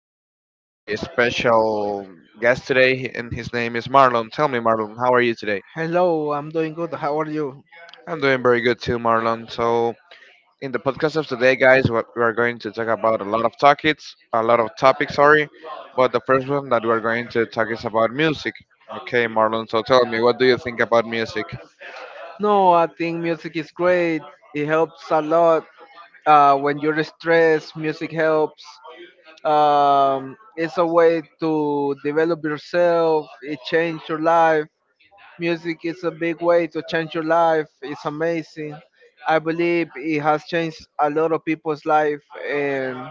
I'm here with a special guest today, and his name is Marlon. Tell me, Marlon, how are you today? Hello, I'm doing good. How are you? I'm doing very good too, Marlon. So, in the podcast of today, guys, what we are going to talk about a lot of topics, sorry. But the first one that we're going to talk is about music. Okay, Marlon. So, tell me, what do you think about music? No, I think music is great. It helps a lot. When you're stressed, music helps. It's a way to develop yourself. It changed your life. Music is a big way to change your life. It's amazing. I believe it has changed a lot of people's life, and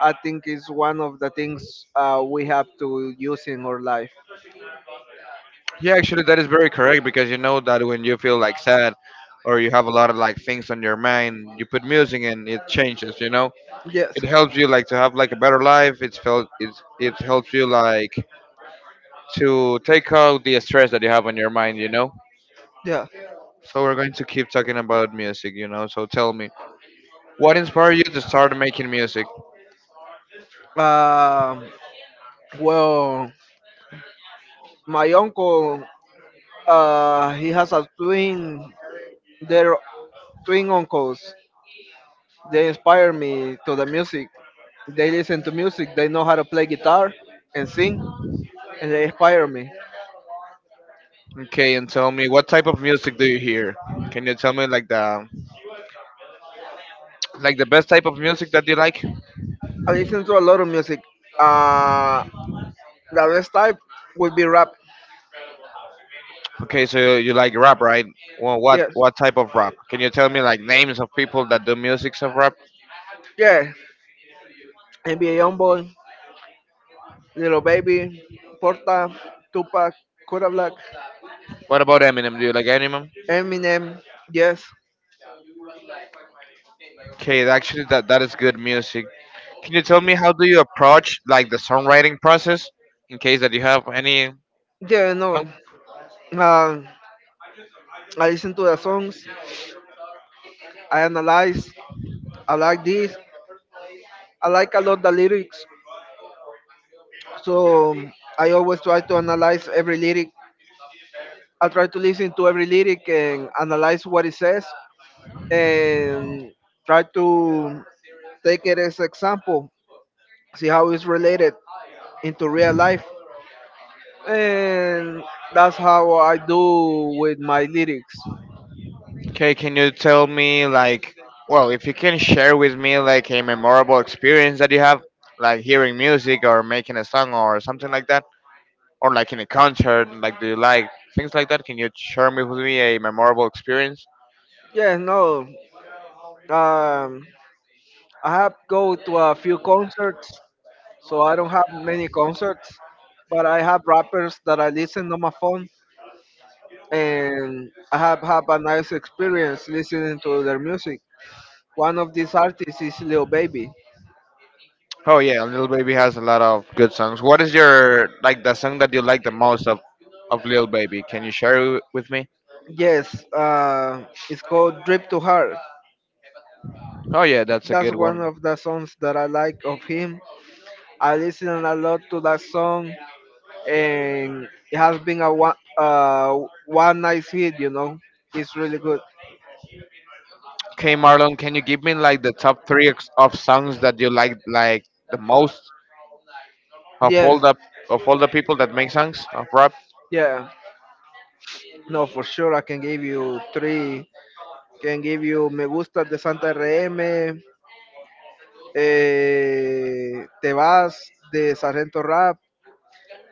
I think it's one of the things we have to use in our life. Yeah, actually, that is very correct because you know that when you feel like sad or you have a lot of like things on your mind, you put music and it changes. You know, Yes. it helps you like to have like a better life. It's felt it's it helps you like to take out the stress that you have on your mind. You know. Yeah. So we're going to keep talking about music. You know. So tell me, what inspired you to start making music? Um, Well, my uncle, he has a twin. They're twin uncles. They inspire me to the music. They listen to music. They know how to play guitar and sing, and they inspire me. Okay, and tell me what type of music do you hear? Can you tell me like the best type of music that you like? I listen to a lot of music. Uh, the best type would be rap. Okay, so you like rap, right? Well, what Yes, what type of rap? Can you tell me like names of people that do music of rap? yeah. NBA Youngboy, Little Baby, Porta, Tupac, Kodak Black, What about Eminem? Do you like Eminem? Eminem. Yes, Okay, actually, that is good music. Can you tell me how do you approach like the songwriting process in case that you have any yeah, song? no. Um, I listen to the songs. I analyze. I like this. I like a lot the lyrics. So I always try to analyze every lyric. I try to listen to every lyric and analyze what it says and try to take it as example, see how it's related into real life. And that's how I do with my lyrics. Okay, can you tell me like, well, if you can share with me like a memorable experience that you have, like hearing music or making a song or something like that? Or like in a concert, like do you like things like that? Can you share me with me a memorable experience? Yeah, no. Um, I have go to a few concerts so I don't have many concerts, but I have rappers that I listen on my phone, and I have had a nice experience listening to their music. One of these artists is Lil Baby. Oh yeah, Little Baby has a lot of good songs. What is your like the song that you like the most of Little Baby? Can you share it with me? Yes, it's called Drip to Heart. Oh yeah, that's a That's good one one. of the songs that I like of him. I listen a lot to that song, and it has been a one nice hit. It's really good. Okay, Marlon, can you give me like the top three of songs that you like the most of all Yes, the of all the people that make songs of rap? yeah. No, for sure, I can give you three. Can give you Me Gustas de Santa RM, eh, Te Vas de Sargento Rap,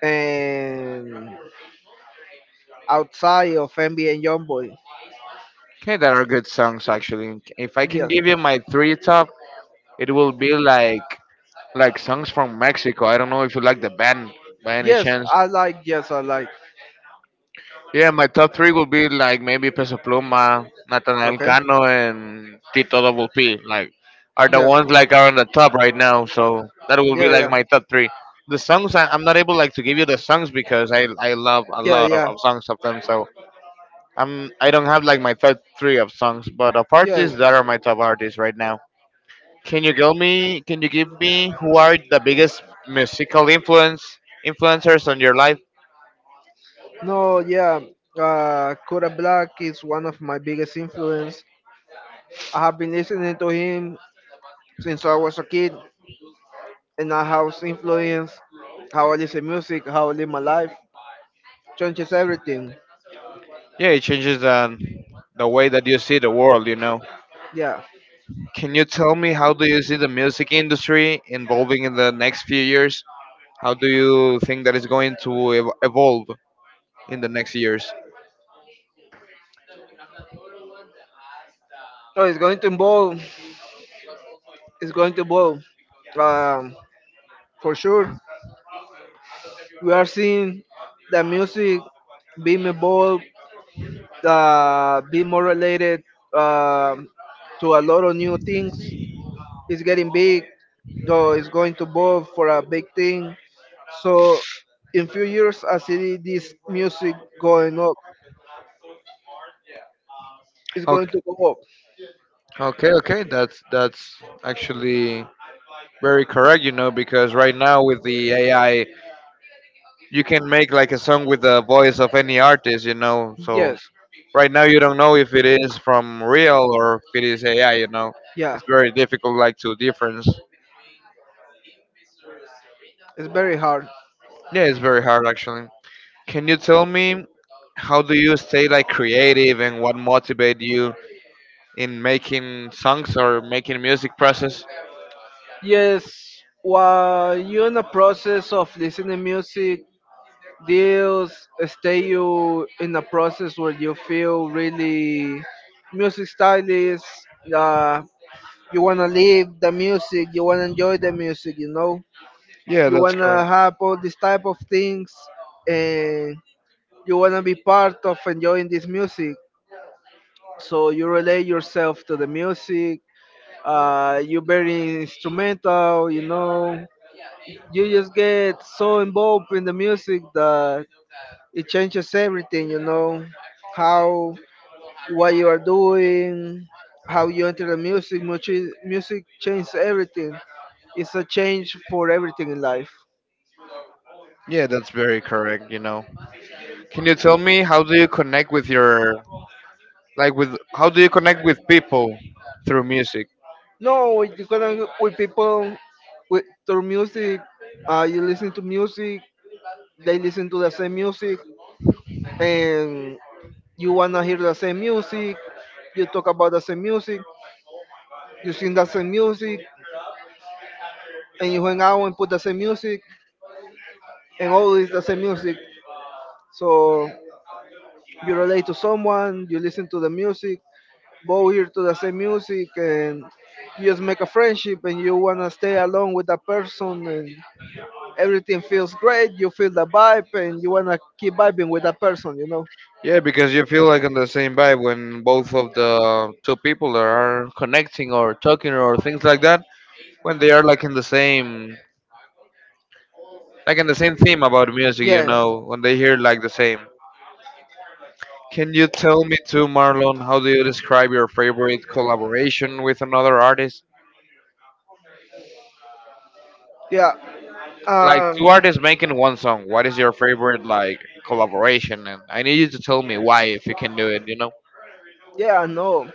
and Outside of NBA and Youngboy. Okay, that are good songs actually. If I can Yes, give you my three top, it will be like songs from Mexico. I don't know if you like the band by any yes, chance. I like, yes, I like. Yeah, my top three would be like maybe Peso Pluma, Nathaniel Okay, Cano, and Tito Double P. Like are the yes, ones like are on the top right now. So that will be yeah, like yeah, my top three. The songs I'm not able like to give you the songs because I love a yeah, lot of, yeah, of songs of them. So I don't have like my top three of songs, but of artists yes. that are my top artists right now. Can you give me? Can you give me who are the biggest musical influencers on your life? No, yeah, Kodak Black is one of my biggest influence. I have been listening to him since I was a kid, and I have influenced how I listen music, how I live my life, changes everything. Yeah, it changes the way that you see the world, you know. Yeah. Can you tell me how do you see the music industry evolving in the next few years? How do you think that is going to evolve in the next years? So it's going to evolve. It's going to evolve, um, for sure. We are seeing the music being evolved, be more related um to a lot of new things. He's getting big, so he's going to move for a big thing. So in few years, I see this music going up. It's going Okay, to go up. okay, okay. That's actually very correct, you know, because right now with the AI, you can make like a song with the voice of any artist, you know. So Yes, right now you don't know if it is from real or if it is AI. You know, yeah. it's very difficult like to difference. It's very hard. Yeah, it's very hard actually. Can you tell me how do you stay like creative and what motivate you in making songs or making music process? Yes, while you're in the process of listening music, deals stay you in a process where you feel really music stylist uh, you want to live the music, you want to enjoy the music. Yeah, You that's want to correct. have all these type of things and you want to be part of enjoying this music, so you relate yourself to the music. You're very instrumental, you know. You just get so involved in the music that it changes everything, you know, how what you are doing, how you enter the music changes everything. It's a change for everything in life. Yeah, that's very correct. You know, can you tell me how do you connect with your, like, with how do you connect with people through music? No with, The kind with people, with through music. You listen to music, they listen to the same music, and you wanna hear the same music, you talk about the same music, you sing the same music, and you hang out and put the same music, and always the same music. So you relate to someone, you listen to the music, both hear to the same music, and you just make a friendship, and you wanna stay along with that person, and everything feels great. You feel the vibe, and you wanna keep vibing with that person, you know. Yeah, because you feel like on the same vibe when both of the two people are connecting or talking or things like that. When they are like in the same, like in the same theme about music, you Yeah, know, when they hear like the same. Can you tell me too, Marlon? How do you describe your favorite collaboration with another artist? yeah, Like um, two artists making one song. What is your favorite like collaboration? And I need you to tell me why, if you can do it. You know, yeah, I know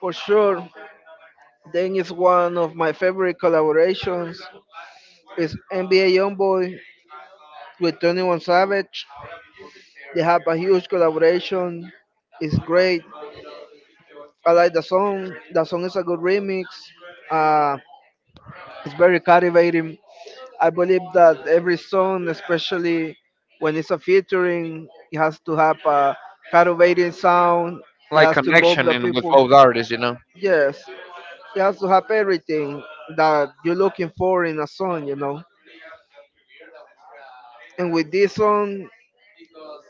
for sure. Then is one of my favorite collaborations is NBA YoungBoy with 21 Savage. They have a huge collaboration. It's great. I like the song. The song is a good remix. Uh, it's very captivating. I believe that every song, especially when it's a featuring, it has to have a captivating sound. It like has to involve connection the in with people. both artists, you know. Yes, it has to have everything that you're looking for in a song. You know. And with this song,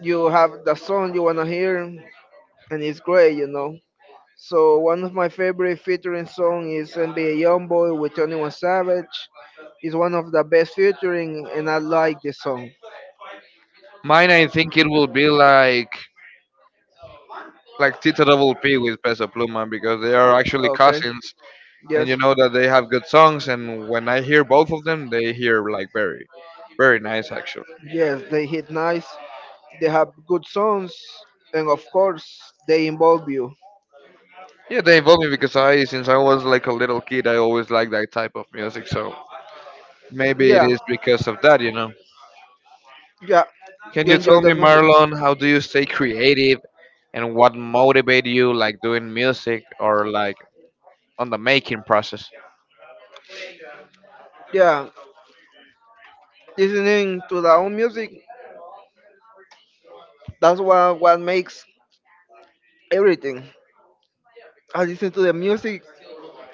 you have the song you wanna hear, and it's great, you know. So one of my favorite featuring song is NBA Youngboy with 21 Savage. It's one of the best featuring, and I like this song. Mine, I think it will be like Tito Double P with Peso Pluma because they are actually Okay. cousins, and you Yes. know that they have good songs. And when I hear both of them, they hear like very, very nice actually. Yes, they hit nice. They have good songs, and of course, they involve you. Yeah, they involved me because I since I was like a little kid, I always liked that type of music. So maybe it Yeah. is because of that, you know. Yeah. Can You you enjoy tell the me, music. Marlon, how do you stay creative, and what motivate you like doing music or like on the making process. Yeah. Listening to the own music, that's what makes everything. I listen to the music,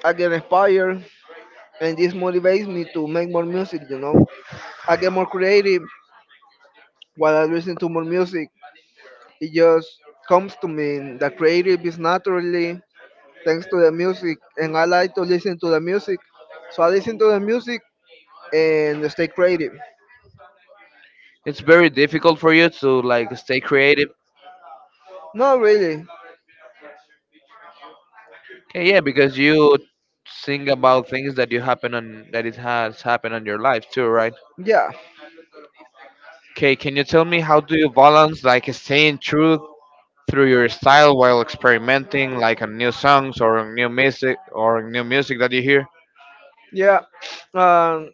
I get inspired, and this motivates me to make more music, you know. I get more creative while I listen to more music. It just comes to me. The creative is naturally thanks to the music, and I like to listen to the music. So I listen to the music and stay creative. It's very difficult for you to like stay creative. Not really. Okay, yeah, because you think about things that it has happened on your life too, right? Yeah. Okay, can you tell me how do you balance like staying true through your style while experimenting like on new songs or on new music or on new music that you hear? Yeah. Um,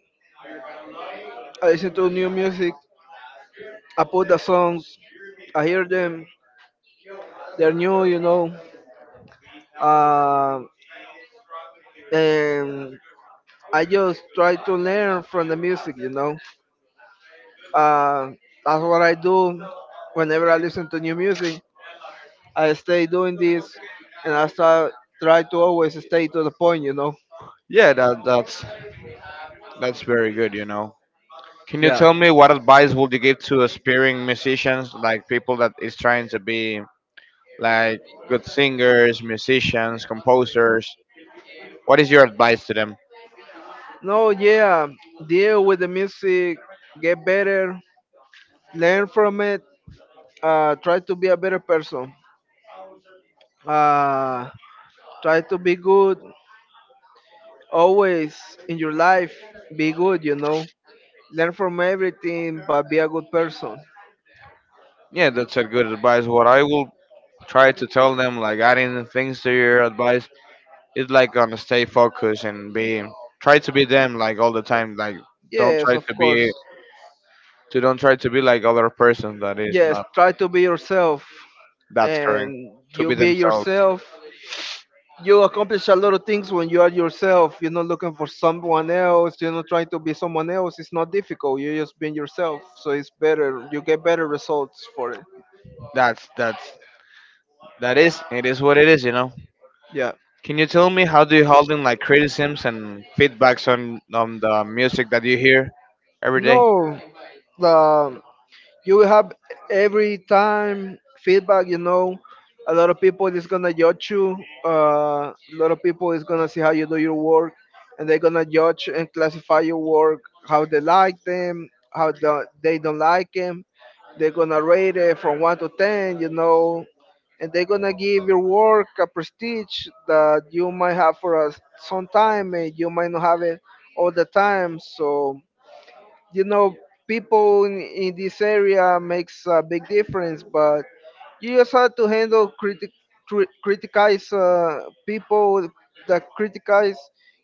I listen to new music. I put the songs, I hear them. They're new, you know. Um, and I just try to learn from the music, you know. Uh, that's what I do whenever I listen to new music. I stay doing this, and I start try to always stay to the point, you know. Yeah, that that's very good, you know. Can you Yeah. tell me what advice would you give to aspiring musicians, like people that is trying to be like good singers, musicians, composers. What is your advice to them? No, yeah. Deal with the music, get better, learn from it. Try to be a better person. Uh, Try to be good. Always in your life, be good, you know. Learn from everything, but be a good person. Yeah, that's a good advice. What I will try to tell them, like adding things to your advice, is like gonna stay focused and be try to be them like all the time. Like don't Yes, try of to course. be to don't try to be like other person that is Yes, not, try to be yourself. that's correct. And To you be be themselves. yourself. You accomplish a lot of things when you are yourself. You're not looking for someone else. You're not trying to be someone else. It's not difficult. You're just being yourself. So it's better. You get better results for it. That's that is it is what it is, you know. Yeah. Can you tell me how do you handle like criticisms and feedbacks on the music that you hear every day? No, the you will have every time feedback, you know. A lot of people is gonna judge you. A lot of people is gonna see how you do your work, and they're gonna judge and classify your work, how they like them, how they don't like them. They're gonna rate it from 1 to 10, you know, and they're gonna give your work a prestige that you might have for us some time, and you might not have it all the time. So, you know, people in this area makes a big difference, but you just have to handle criticize, people that criticize,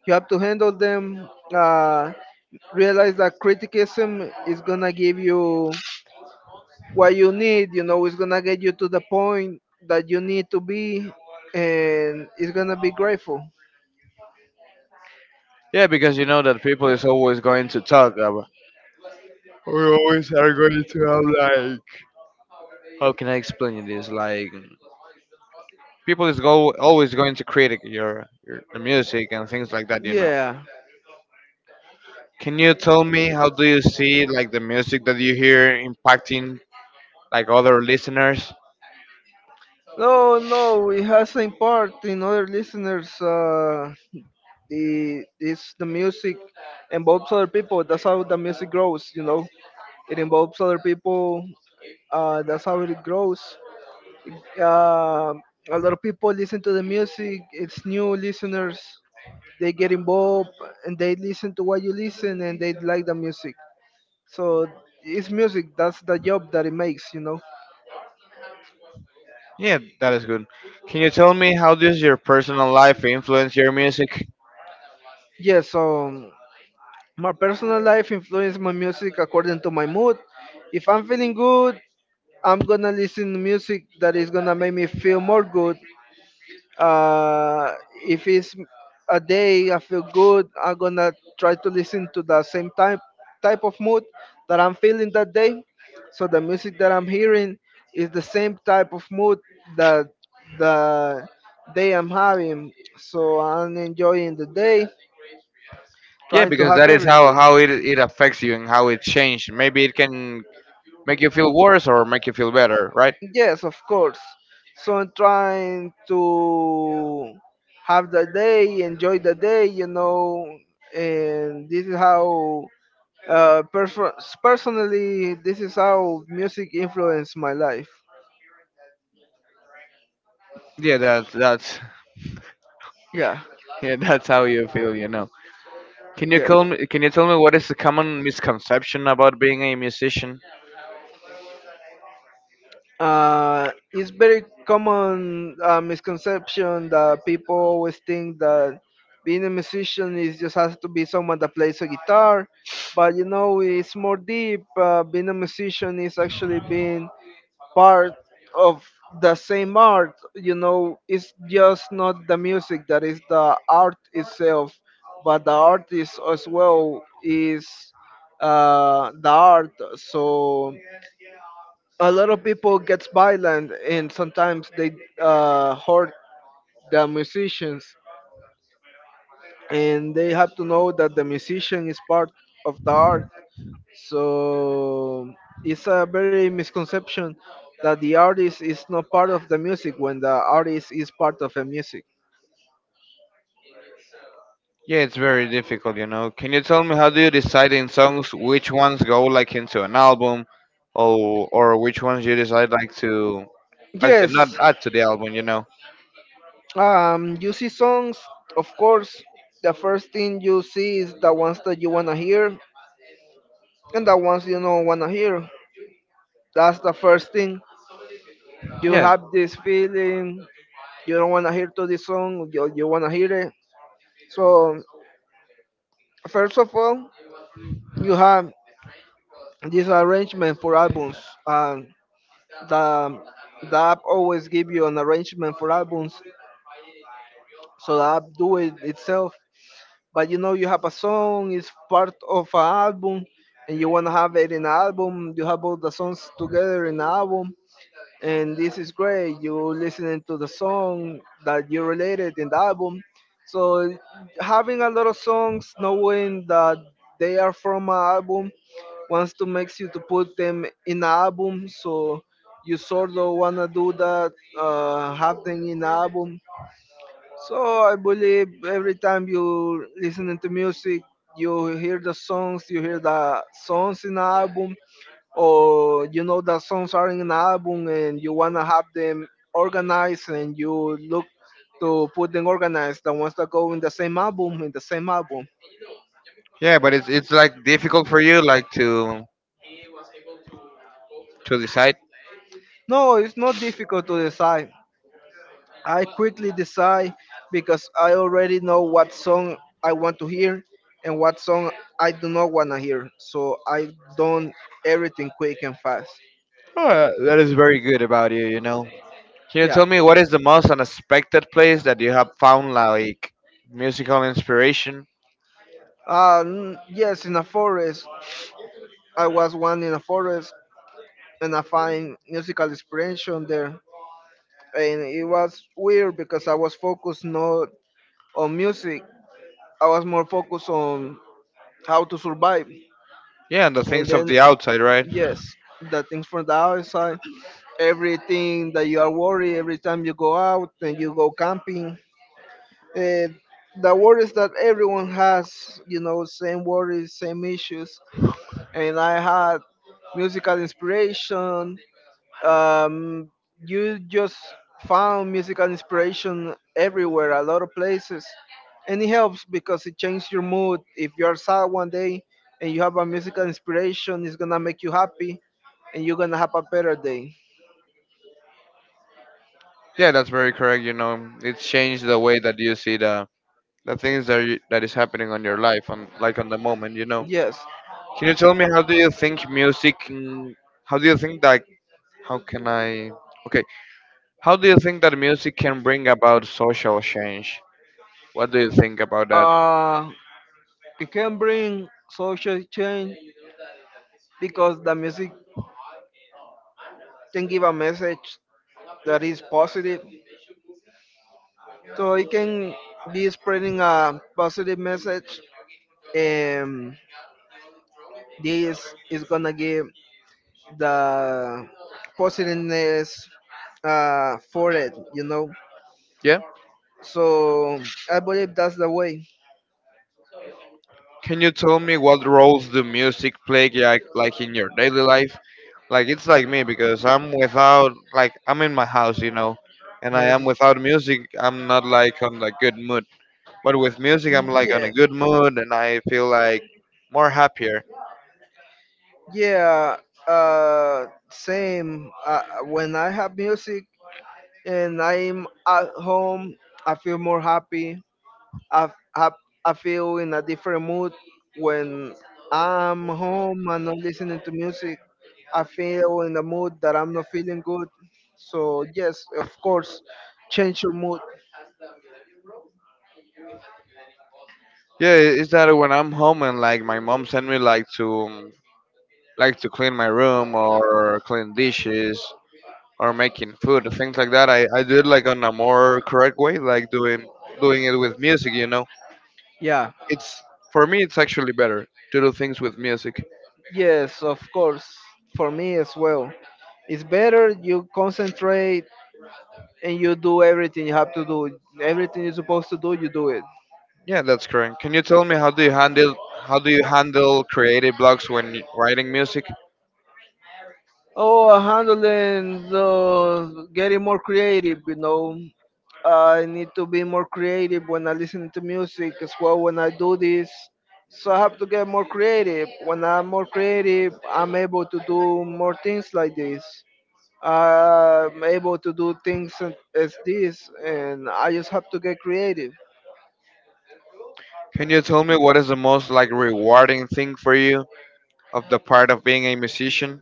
you have to handle them. uh, Realize that criticism is gonna give you what you need, you know. It's gonna get you to the point that you need to be, and it's gonna be grateful. Yeah, because you know that people is always going to talk about. We always are going to have like. How can I explain this? Like, people is go always going to critic your the music and things like that. You know. Yeah. Can you tell me how do you see like the music that you hear impacting like other listeners? No, no, it has an important other listeners. The It's the music, involves other people. That's how the music grows. You know, it involves other people. That's how it grows. Uh, a lot of people listen to the music. It's new listeners. They get involved and they listen to what you listen and they like the music. So it's music. That's the job that it makes. You know. Yeah, that is good. Can you tell me how does your personal life influence your music? Yeah. So my personal life influences my music according to my mood. If I'm feeling good, I'm gonna listen to music that is gonna make me feel more good. Uh, if it's a day I feel good, I'm gonna try to listen to the same type of mood that I'm feeling that day. So the music that I'm hearing is the same type of mood that the day I'm having. So I'm enjoying the day, Yeah, trying to because have that is how everything. how it affects you and how it changed. Maybe it can make you feel worse or make you feel better, right? Yes, of course. So I'm trying to have the day, enjoy the day, you know, and this is how, uh, perso- personally, this is how music influenced my life. Yeah, that's Yeah, yeah, that's how you feel, you know. Can you yes. tell me? Can you tell me what is the common misconception about being a musician? It's very common misconception that people always think that being a musician is just has to be someone that plays a guitar, but you know it's more deep. Being a musician is actually being part of the same art. You know, it's just not the music that is the art itself, but the artist as well is the art. So a lot of people gets violent, and sometimes they hurt the musicians, and they have to know that the musician is part of the art. So it's a very misconception that the artist is not part of the music when the artist is part of the music. Yeah, it's very difficult, you know. Can you tell me how do you decide in songs which ones go like into an album, or which ones you decide like to not Yes. add to the album, you know? You see songs. Of course, the first thing you see is the ones that you want to hear and the ones you don't want to hear. That's the first thing. You Yeah. have this feeling, you don't want to hear to this song, you want to hear it. So first of all, you have this arrangement for albums, and the the app always give you an arrangement for albums. So the app do it itself. But you know, you have a song, it's part of an album, and you want to have it in an album. You have all the songs together in an album, and this is great. You listening to the song that you related in the album. So having a lot of songs, knowing that they are from an album, wants to makes you to put them in an album. So you sort of wanna do that, have them in an album. So I believe every time you listening to music, you hear the songs, you hear the songs in the album, or you know the songs are in an album and you wanna have them organized, and you look to put them organized, the ones that go in the same album in the same album. Yeah, but it's like difficult for you like to decide. No, it's not difficult to decide. I quickly decide because I already know what song I want to hear and what song I do not want to hear. So I done everything quick and fast. Oh, that is very good about you, you know. Can you Yeah. tell me what is the most unexpected place that you have found like musical inspiration? Yes, in a forest. I was one in a forest, and I find musical inspiration there. And it was weird because I was focused not on music. I was more focused on how to survive. Yeah, and the And things of then, the outside, right? yes, the things from the outside, everything that you are worried every time you go out and you go camping. Uh, the worries that everyone has, you know, same worries, same issues. And I had musical inspiration. Um, you just found musical inspiration everywhere, a lot of places. And it helps because it changes your mood. If you're sad one day and you have a musical inspiration, it's going to make you happy and you're going to have a better day. Yeah, that's very correct. You know, it's changed the way that you see the things that is happening on your life on like on the moment, you know. Yes. Can you tell me how do you think how do you think that how can I okay how do you think that music can bring about social change? What do you think about that? Uh, it can bring social change because the music can give a message that is positive. So it can be spreading a positive message, and this is gonna give the positiveness for it, you know. Yeah. So I believe that's the way. Can you tell me what roles do music play, like in your daily life, like it's like me because I'm without like I'm in my house, you know, and I Yes. am without music. I'm not like on like good mood. But with music, I'm like on Yeah. a good mood and I feel like more happier. Yeah, same. When I have music and I'm at home, I feel more happy. I, I, I feel in a different mood when I'm home and not listening to music. I feel in the mood that I'm not feeling good. So, yes, of course, change your mood. Yeah, it's that when I'm home and like my mom sent me like to clean my room or clean dishes or making food things like that. I do it like on a more correct way, like doing it with music. You know, Yeah, it's for me it's actually better to do things with music. yes, of course, for me as well. It's better you concentrate and you do everything you have to do. Everything you're supposed to do, you do it. Yeah, that's correct. Can you tell me how do you handle creative blocks when writing music? Oh, handling the getting more creative, you know. I need to be more creative when I listen to music as well when I do this. So I have to get more creative. When I'm more creative, I'm able to do more things like this. I'm able to do things as this, and I just have to get creative. Can you tell me what is the most like rewarding thing for you of the part of being a musician?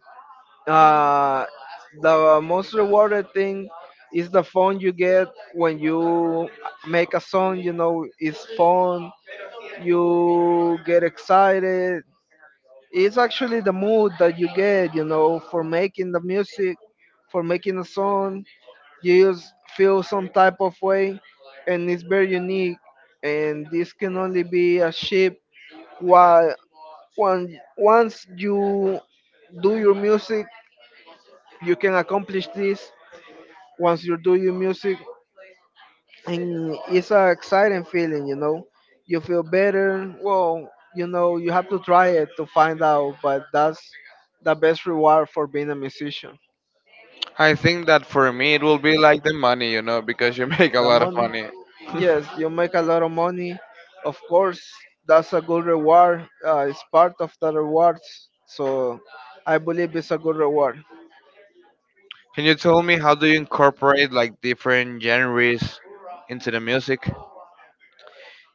Uh, the most rewarded thing is the phone you get when you make a song. You know, it's fun. You get excited. It's actually the mood that you get. You know, for making the music, for making a song. You just feel some type of way, and it's very unique. And this can only be achieved while when once you do your music you can accomplish this once you're doing music, and it's an exciting feeling. You know, you feel better. Well, you know, you have to try it to find out, but that's the best reward for being a musician. I think that for me it will be like the money, you know, because you make a The lot of money. money. Yes, you make a lot of money. Of course, that's a good reward. It's part of the rewards. So I believe it's a good reward. Can you tell me how do you incorporate like different genres into the music?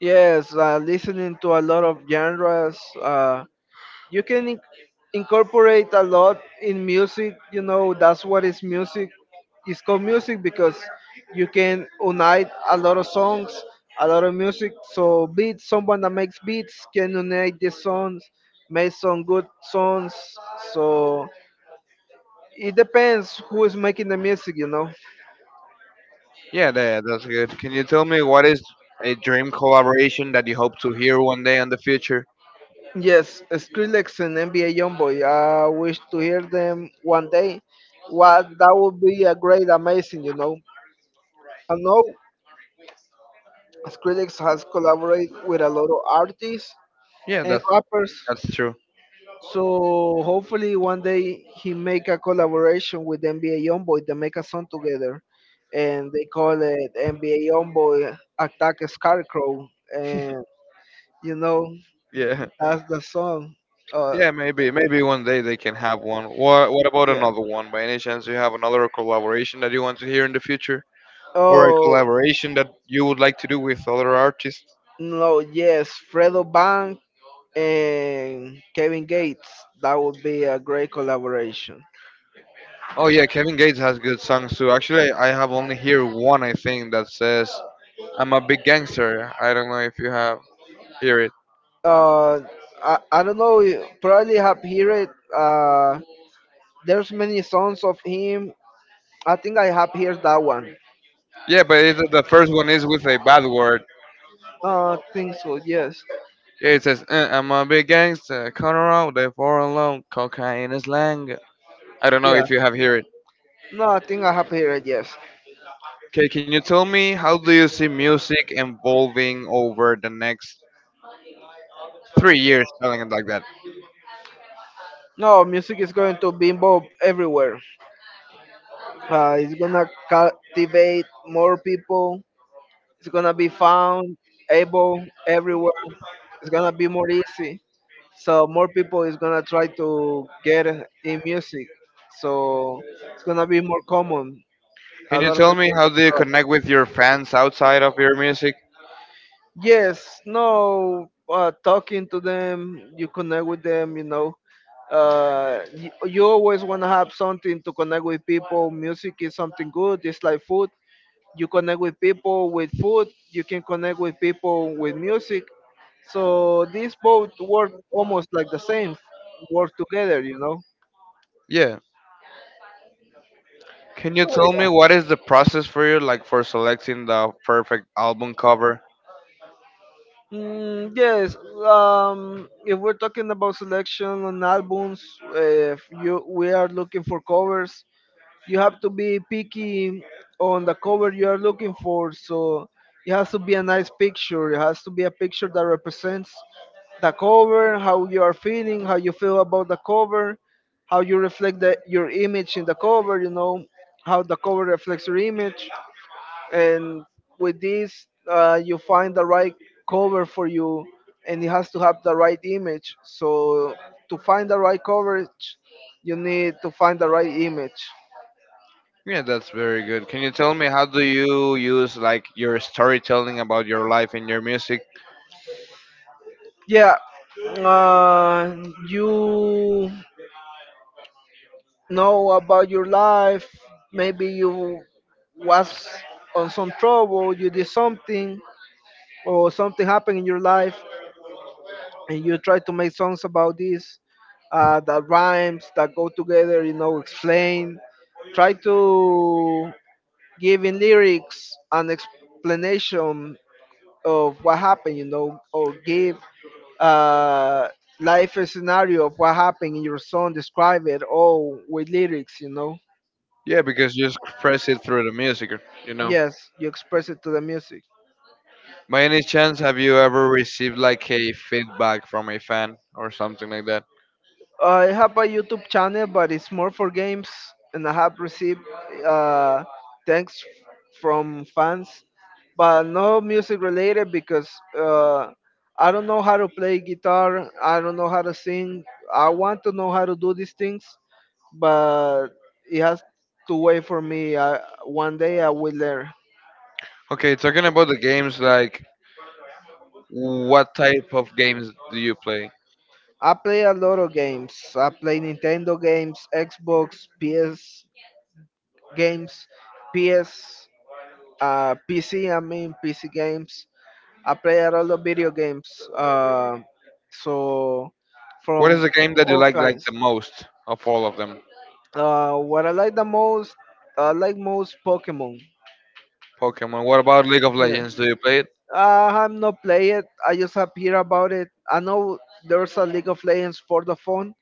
Yes, listening to a lot of genres. You can in- Incorporate a lot in music, you know. That's what is music. It's called music because you can unite a lot of songs, a lot of music. So beats, someone that makes beats can unite the songs, make some good songs. So it depends who is making the music, you know. Yeah, that's good. Can you tell me what is a dream collaboration that you hope to hear one day in the future? Yes, Skrillex and NBA Youngboy, I wish to hear them one day. What, that would be a great amazing, you know. I know Skrillex has collaborated with a lot of artists Yeah, and that's rappers, that's true. so hopefully one day he make a collaboration with NBA Youngboy. They make a song together, and they call it NBA Youngboy Attack Scarecrow. And you know, Yeah. that's the song. Uh, Yeah, maybe one day they can have one. What about yeah. another one? By any chance, do you have another collaboration that you want to hear in the future, or a Oh collaboration that you would like to do with other artists? no, yes, Fredo Bank and Kevin Gates. That would be a great collaboration. Oh yeah, Kevin Gates has good songs too. Actually, I have only hear one. I think that says, "I'm a big gangster." I don't know if you have hear it. uh I don't know, you probably have heard it. There's many songs of him. I think I have heard that one. Yeah, but the first one is with a bad word. No, I think so, yes. Yeah, it says "I'm a big gangster, cut around, they for alone, cocaine is lang." I don't know Yeah, if you have heard it. no, I think I have heard it, yes. Okay, can you tell me how do you see music evolving over the next 3 years, telling it like that? No, music is going to be involved everywhere. It's gonna captivate more people. It's gonna be found able everywhere. It's gonna be more easy. So more people is gonna try to get in music. So it's gonna be more common. Can A you lot of tell me people how do you know about connect with your fans outside of your music? it. Yes. No. Talking to them, you connect with them, you know. You always want to have something to connect with people. Music is something good. It's like food. You connect with people with food, you can connect with people with music. So these both work almost like the same, work together, you know. Yeah. Can you So tell me yeah. what is the process for you, like for selecting the perfect album cover? Mm, yes. If we're talking about selection on albums, if you we are looking for covers, you have to be picky on the cover you are looking for. So it has to be a nice picture. It has to be a picture that represents the cover, how you are feeling, how you feel about the cover, how you reflect your image in the cover. You know how the cover reflects your image, and with this, you find the right cover for you, and it has to have the right image. So to find the right coverage, you need to find the right image. Yeah, that's very good. Can you tell me how do you use like your storytelling about your life in your music? Yeah. uh, you know about your life. Maybe you was on some trouble, you did something, or something happened in your life, and you try to make songs about this, that rhymes, that go together, you know. Explain, try to give in lyrics an explanation of what happened, you know, or give uh, life a scenario of what happened in your song, describe it all with lyrics, you know. Yeah, because you express it through the music, you know. Yes, you express it to the music. By any chance, have you ever received like a feedback from a fan or something like that? I have a YouTube channel, but it's more for games, and I have received uh, thanks from fans, but no music related because uh, I don't know how to play guitar. I don't know how to sing. I want to know how to do these things, but it has to wait for me. I, one day I will learn. Okay, talking about the games, like what type of games do you play? I play a lot of games. I play Nintendo games, Xbox, PS games, PS. PC, I mean PC games. I play a lot of video games. So What is from the game that you all like kinds. the most of all of them? What I like the most, I like most Pokemon. Pokemon. What about League of Yeah. Legends? Do you play it? I'm not play it. I just have hear about it. I know there's a League of Legends for the phone,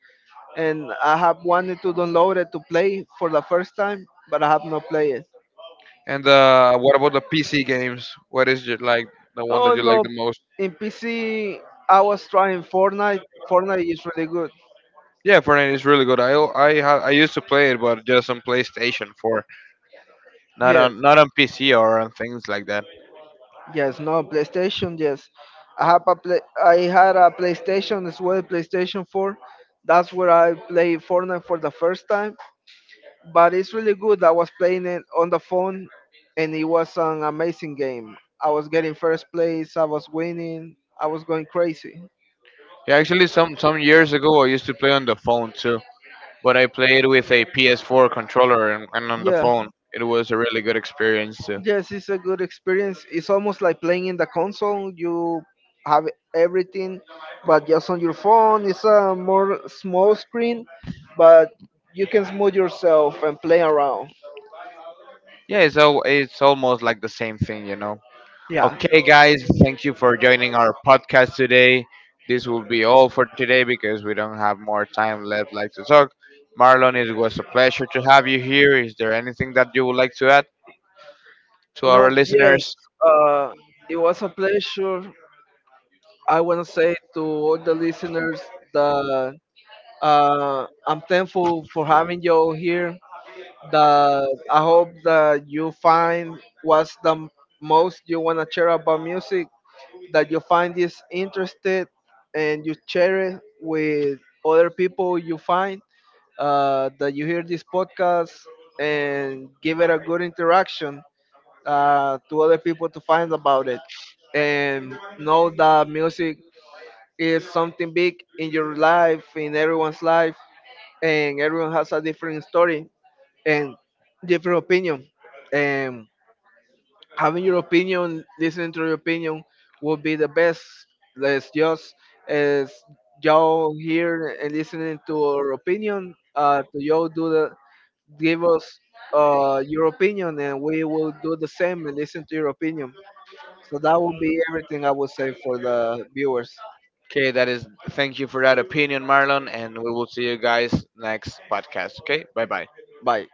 and I have wanted to download it to play for the first time, but I have not played it. And what about the PC games? What is your, like the one Oh that you like no, the most? in PC I was trying Fortnite. Fortnite is really good. Yeah, Fortnite is really good. I al- I ha- I used to play it, but just on PlayStation 4, not Yes, on PC or on things like that. yes, no PlayStation. Yes, I have a play. I had a PlayStation as well, PlayStation 4. That's where I played Fortnite for the first time. But it's really good. I was playing it on the phone, and it was an amazing game. I was getting first place. I was winning. I was going crazy. Yeah, actually, some years ago I used to play on the phone too, but I played with a PS4 controller and on the Yeah, phone. It was a really good experience too. yes, it's a good experience. It's almost like playing in the console. You have everything, but just on your phone. It's a more small screen, but you can smooth yourself and play around. Yeah, it's almost like the same thing, you know. Yeah. Okay, guys, thank you for joining our podcast today. This will be all for today because we don't have more time left like to talk. Marlon, it was a pleasure to have you here. Is there anything that you would like to add to our No, yes. listeners? Uh, it was a pleasure. I want to say to all the listeners that I'm thankful for having you all here. That I hope that you find most you want to share about music. That you find this interested, and you share it with other people you find. That you hear this podcast and give it a good interaction, to other people to find about it, and know that music is something big in your life, in everyone's life, and everyone has a different story and different opinion. And having your opinion, listening to your opinion, would be the best. Let's just, as y'all here and listening to our opinion, to y'all do the give us your opinion, and we will do the same and listen to your opinion. So that will be everything I would say for the viewers. Okay, that is. Thank you for that opinion, Marlon, and we will see you guys next podcast. Okay, bye bye. Bye.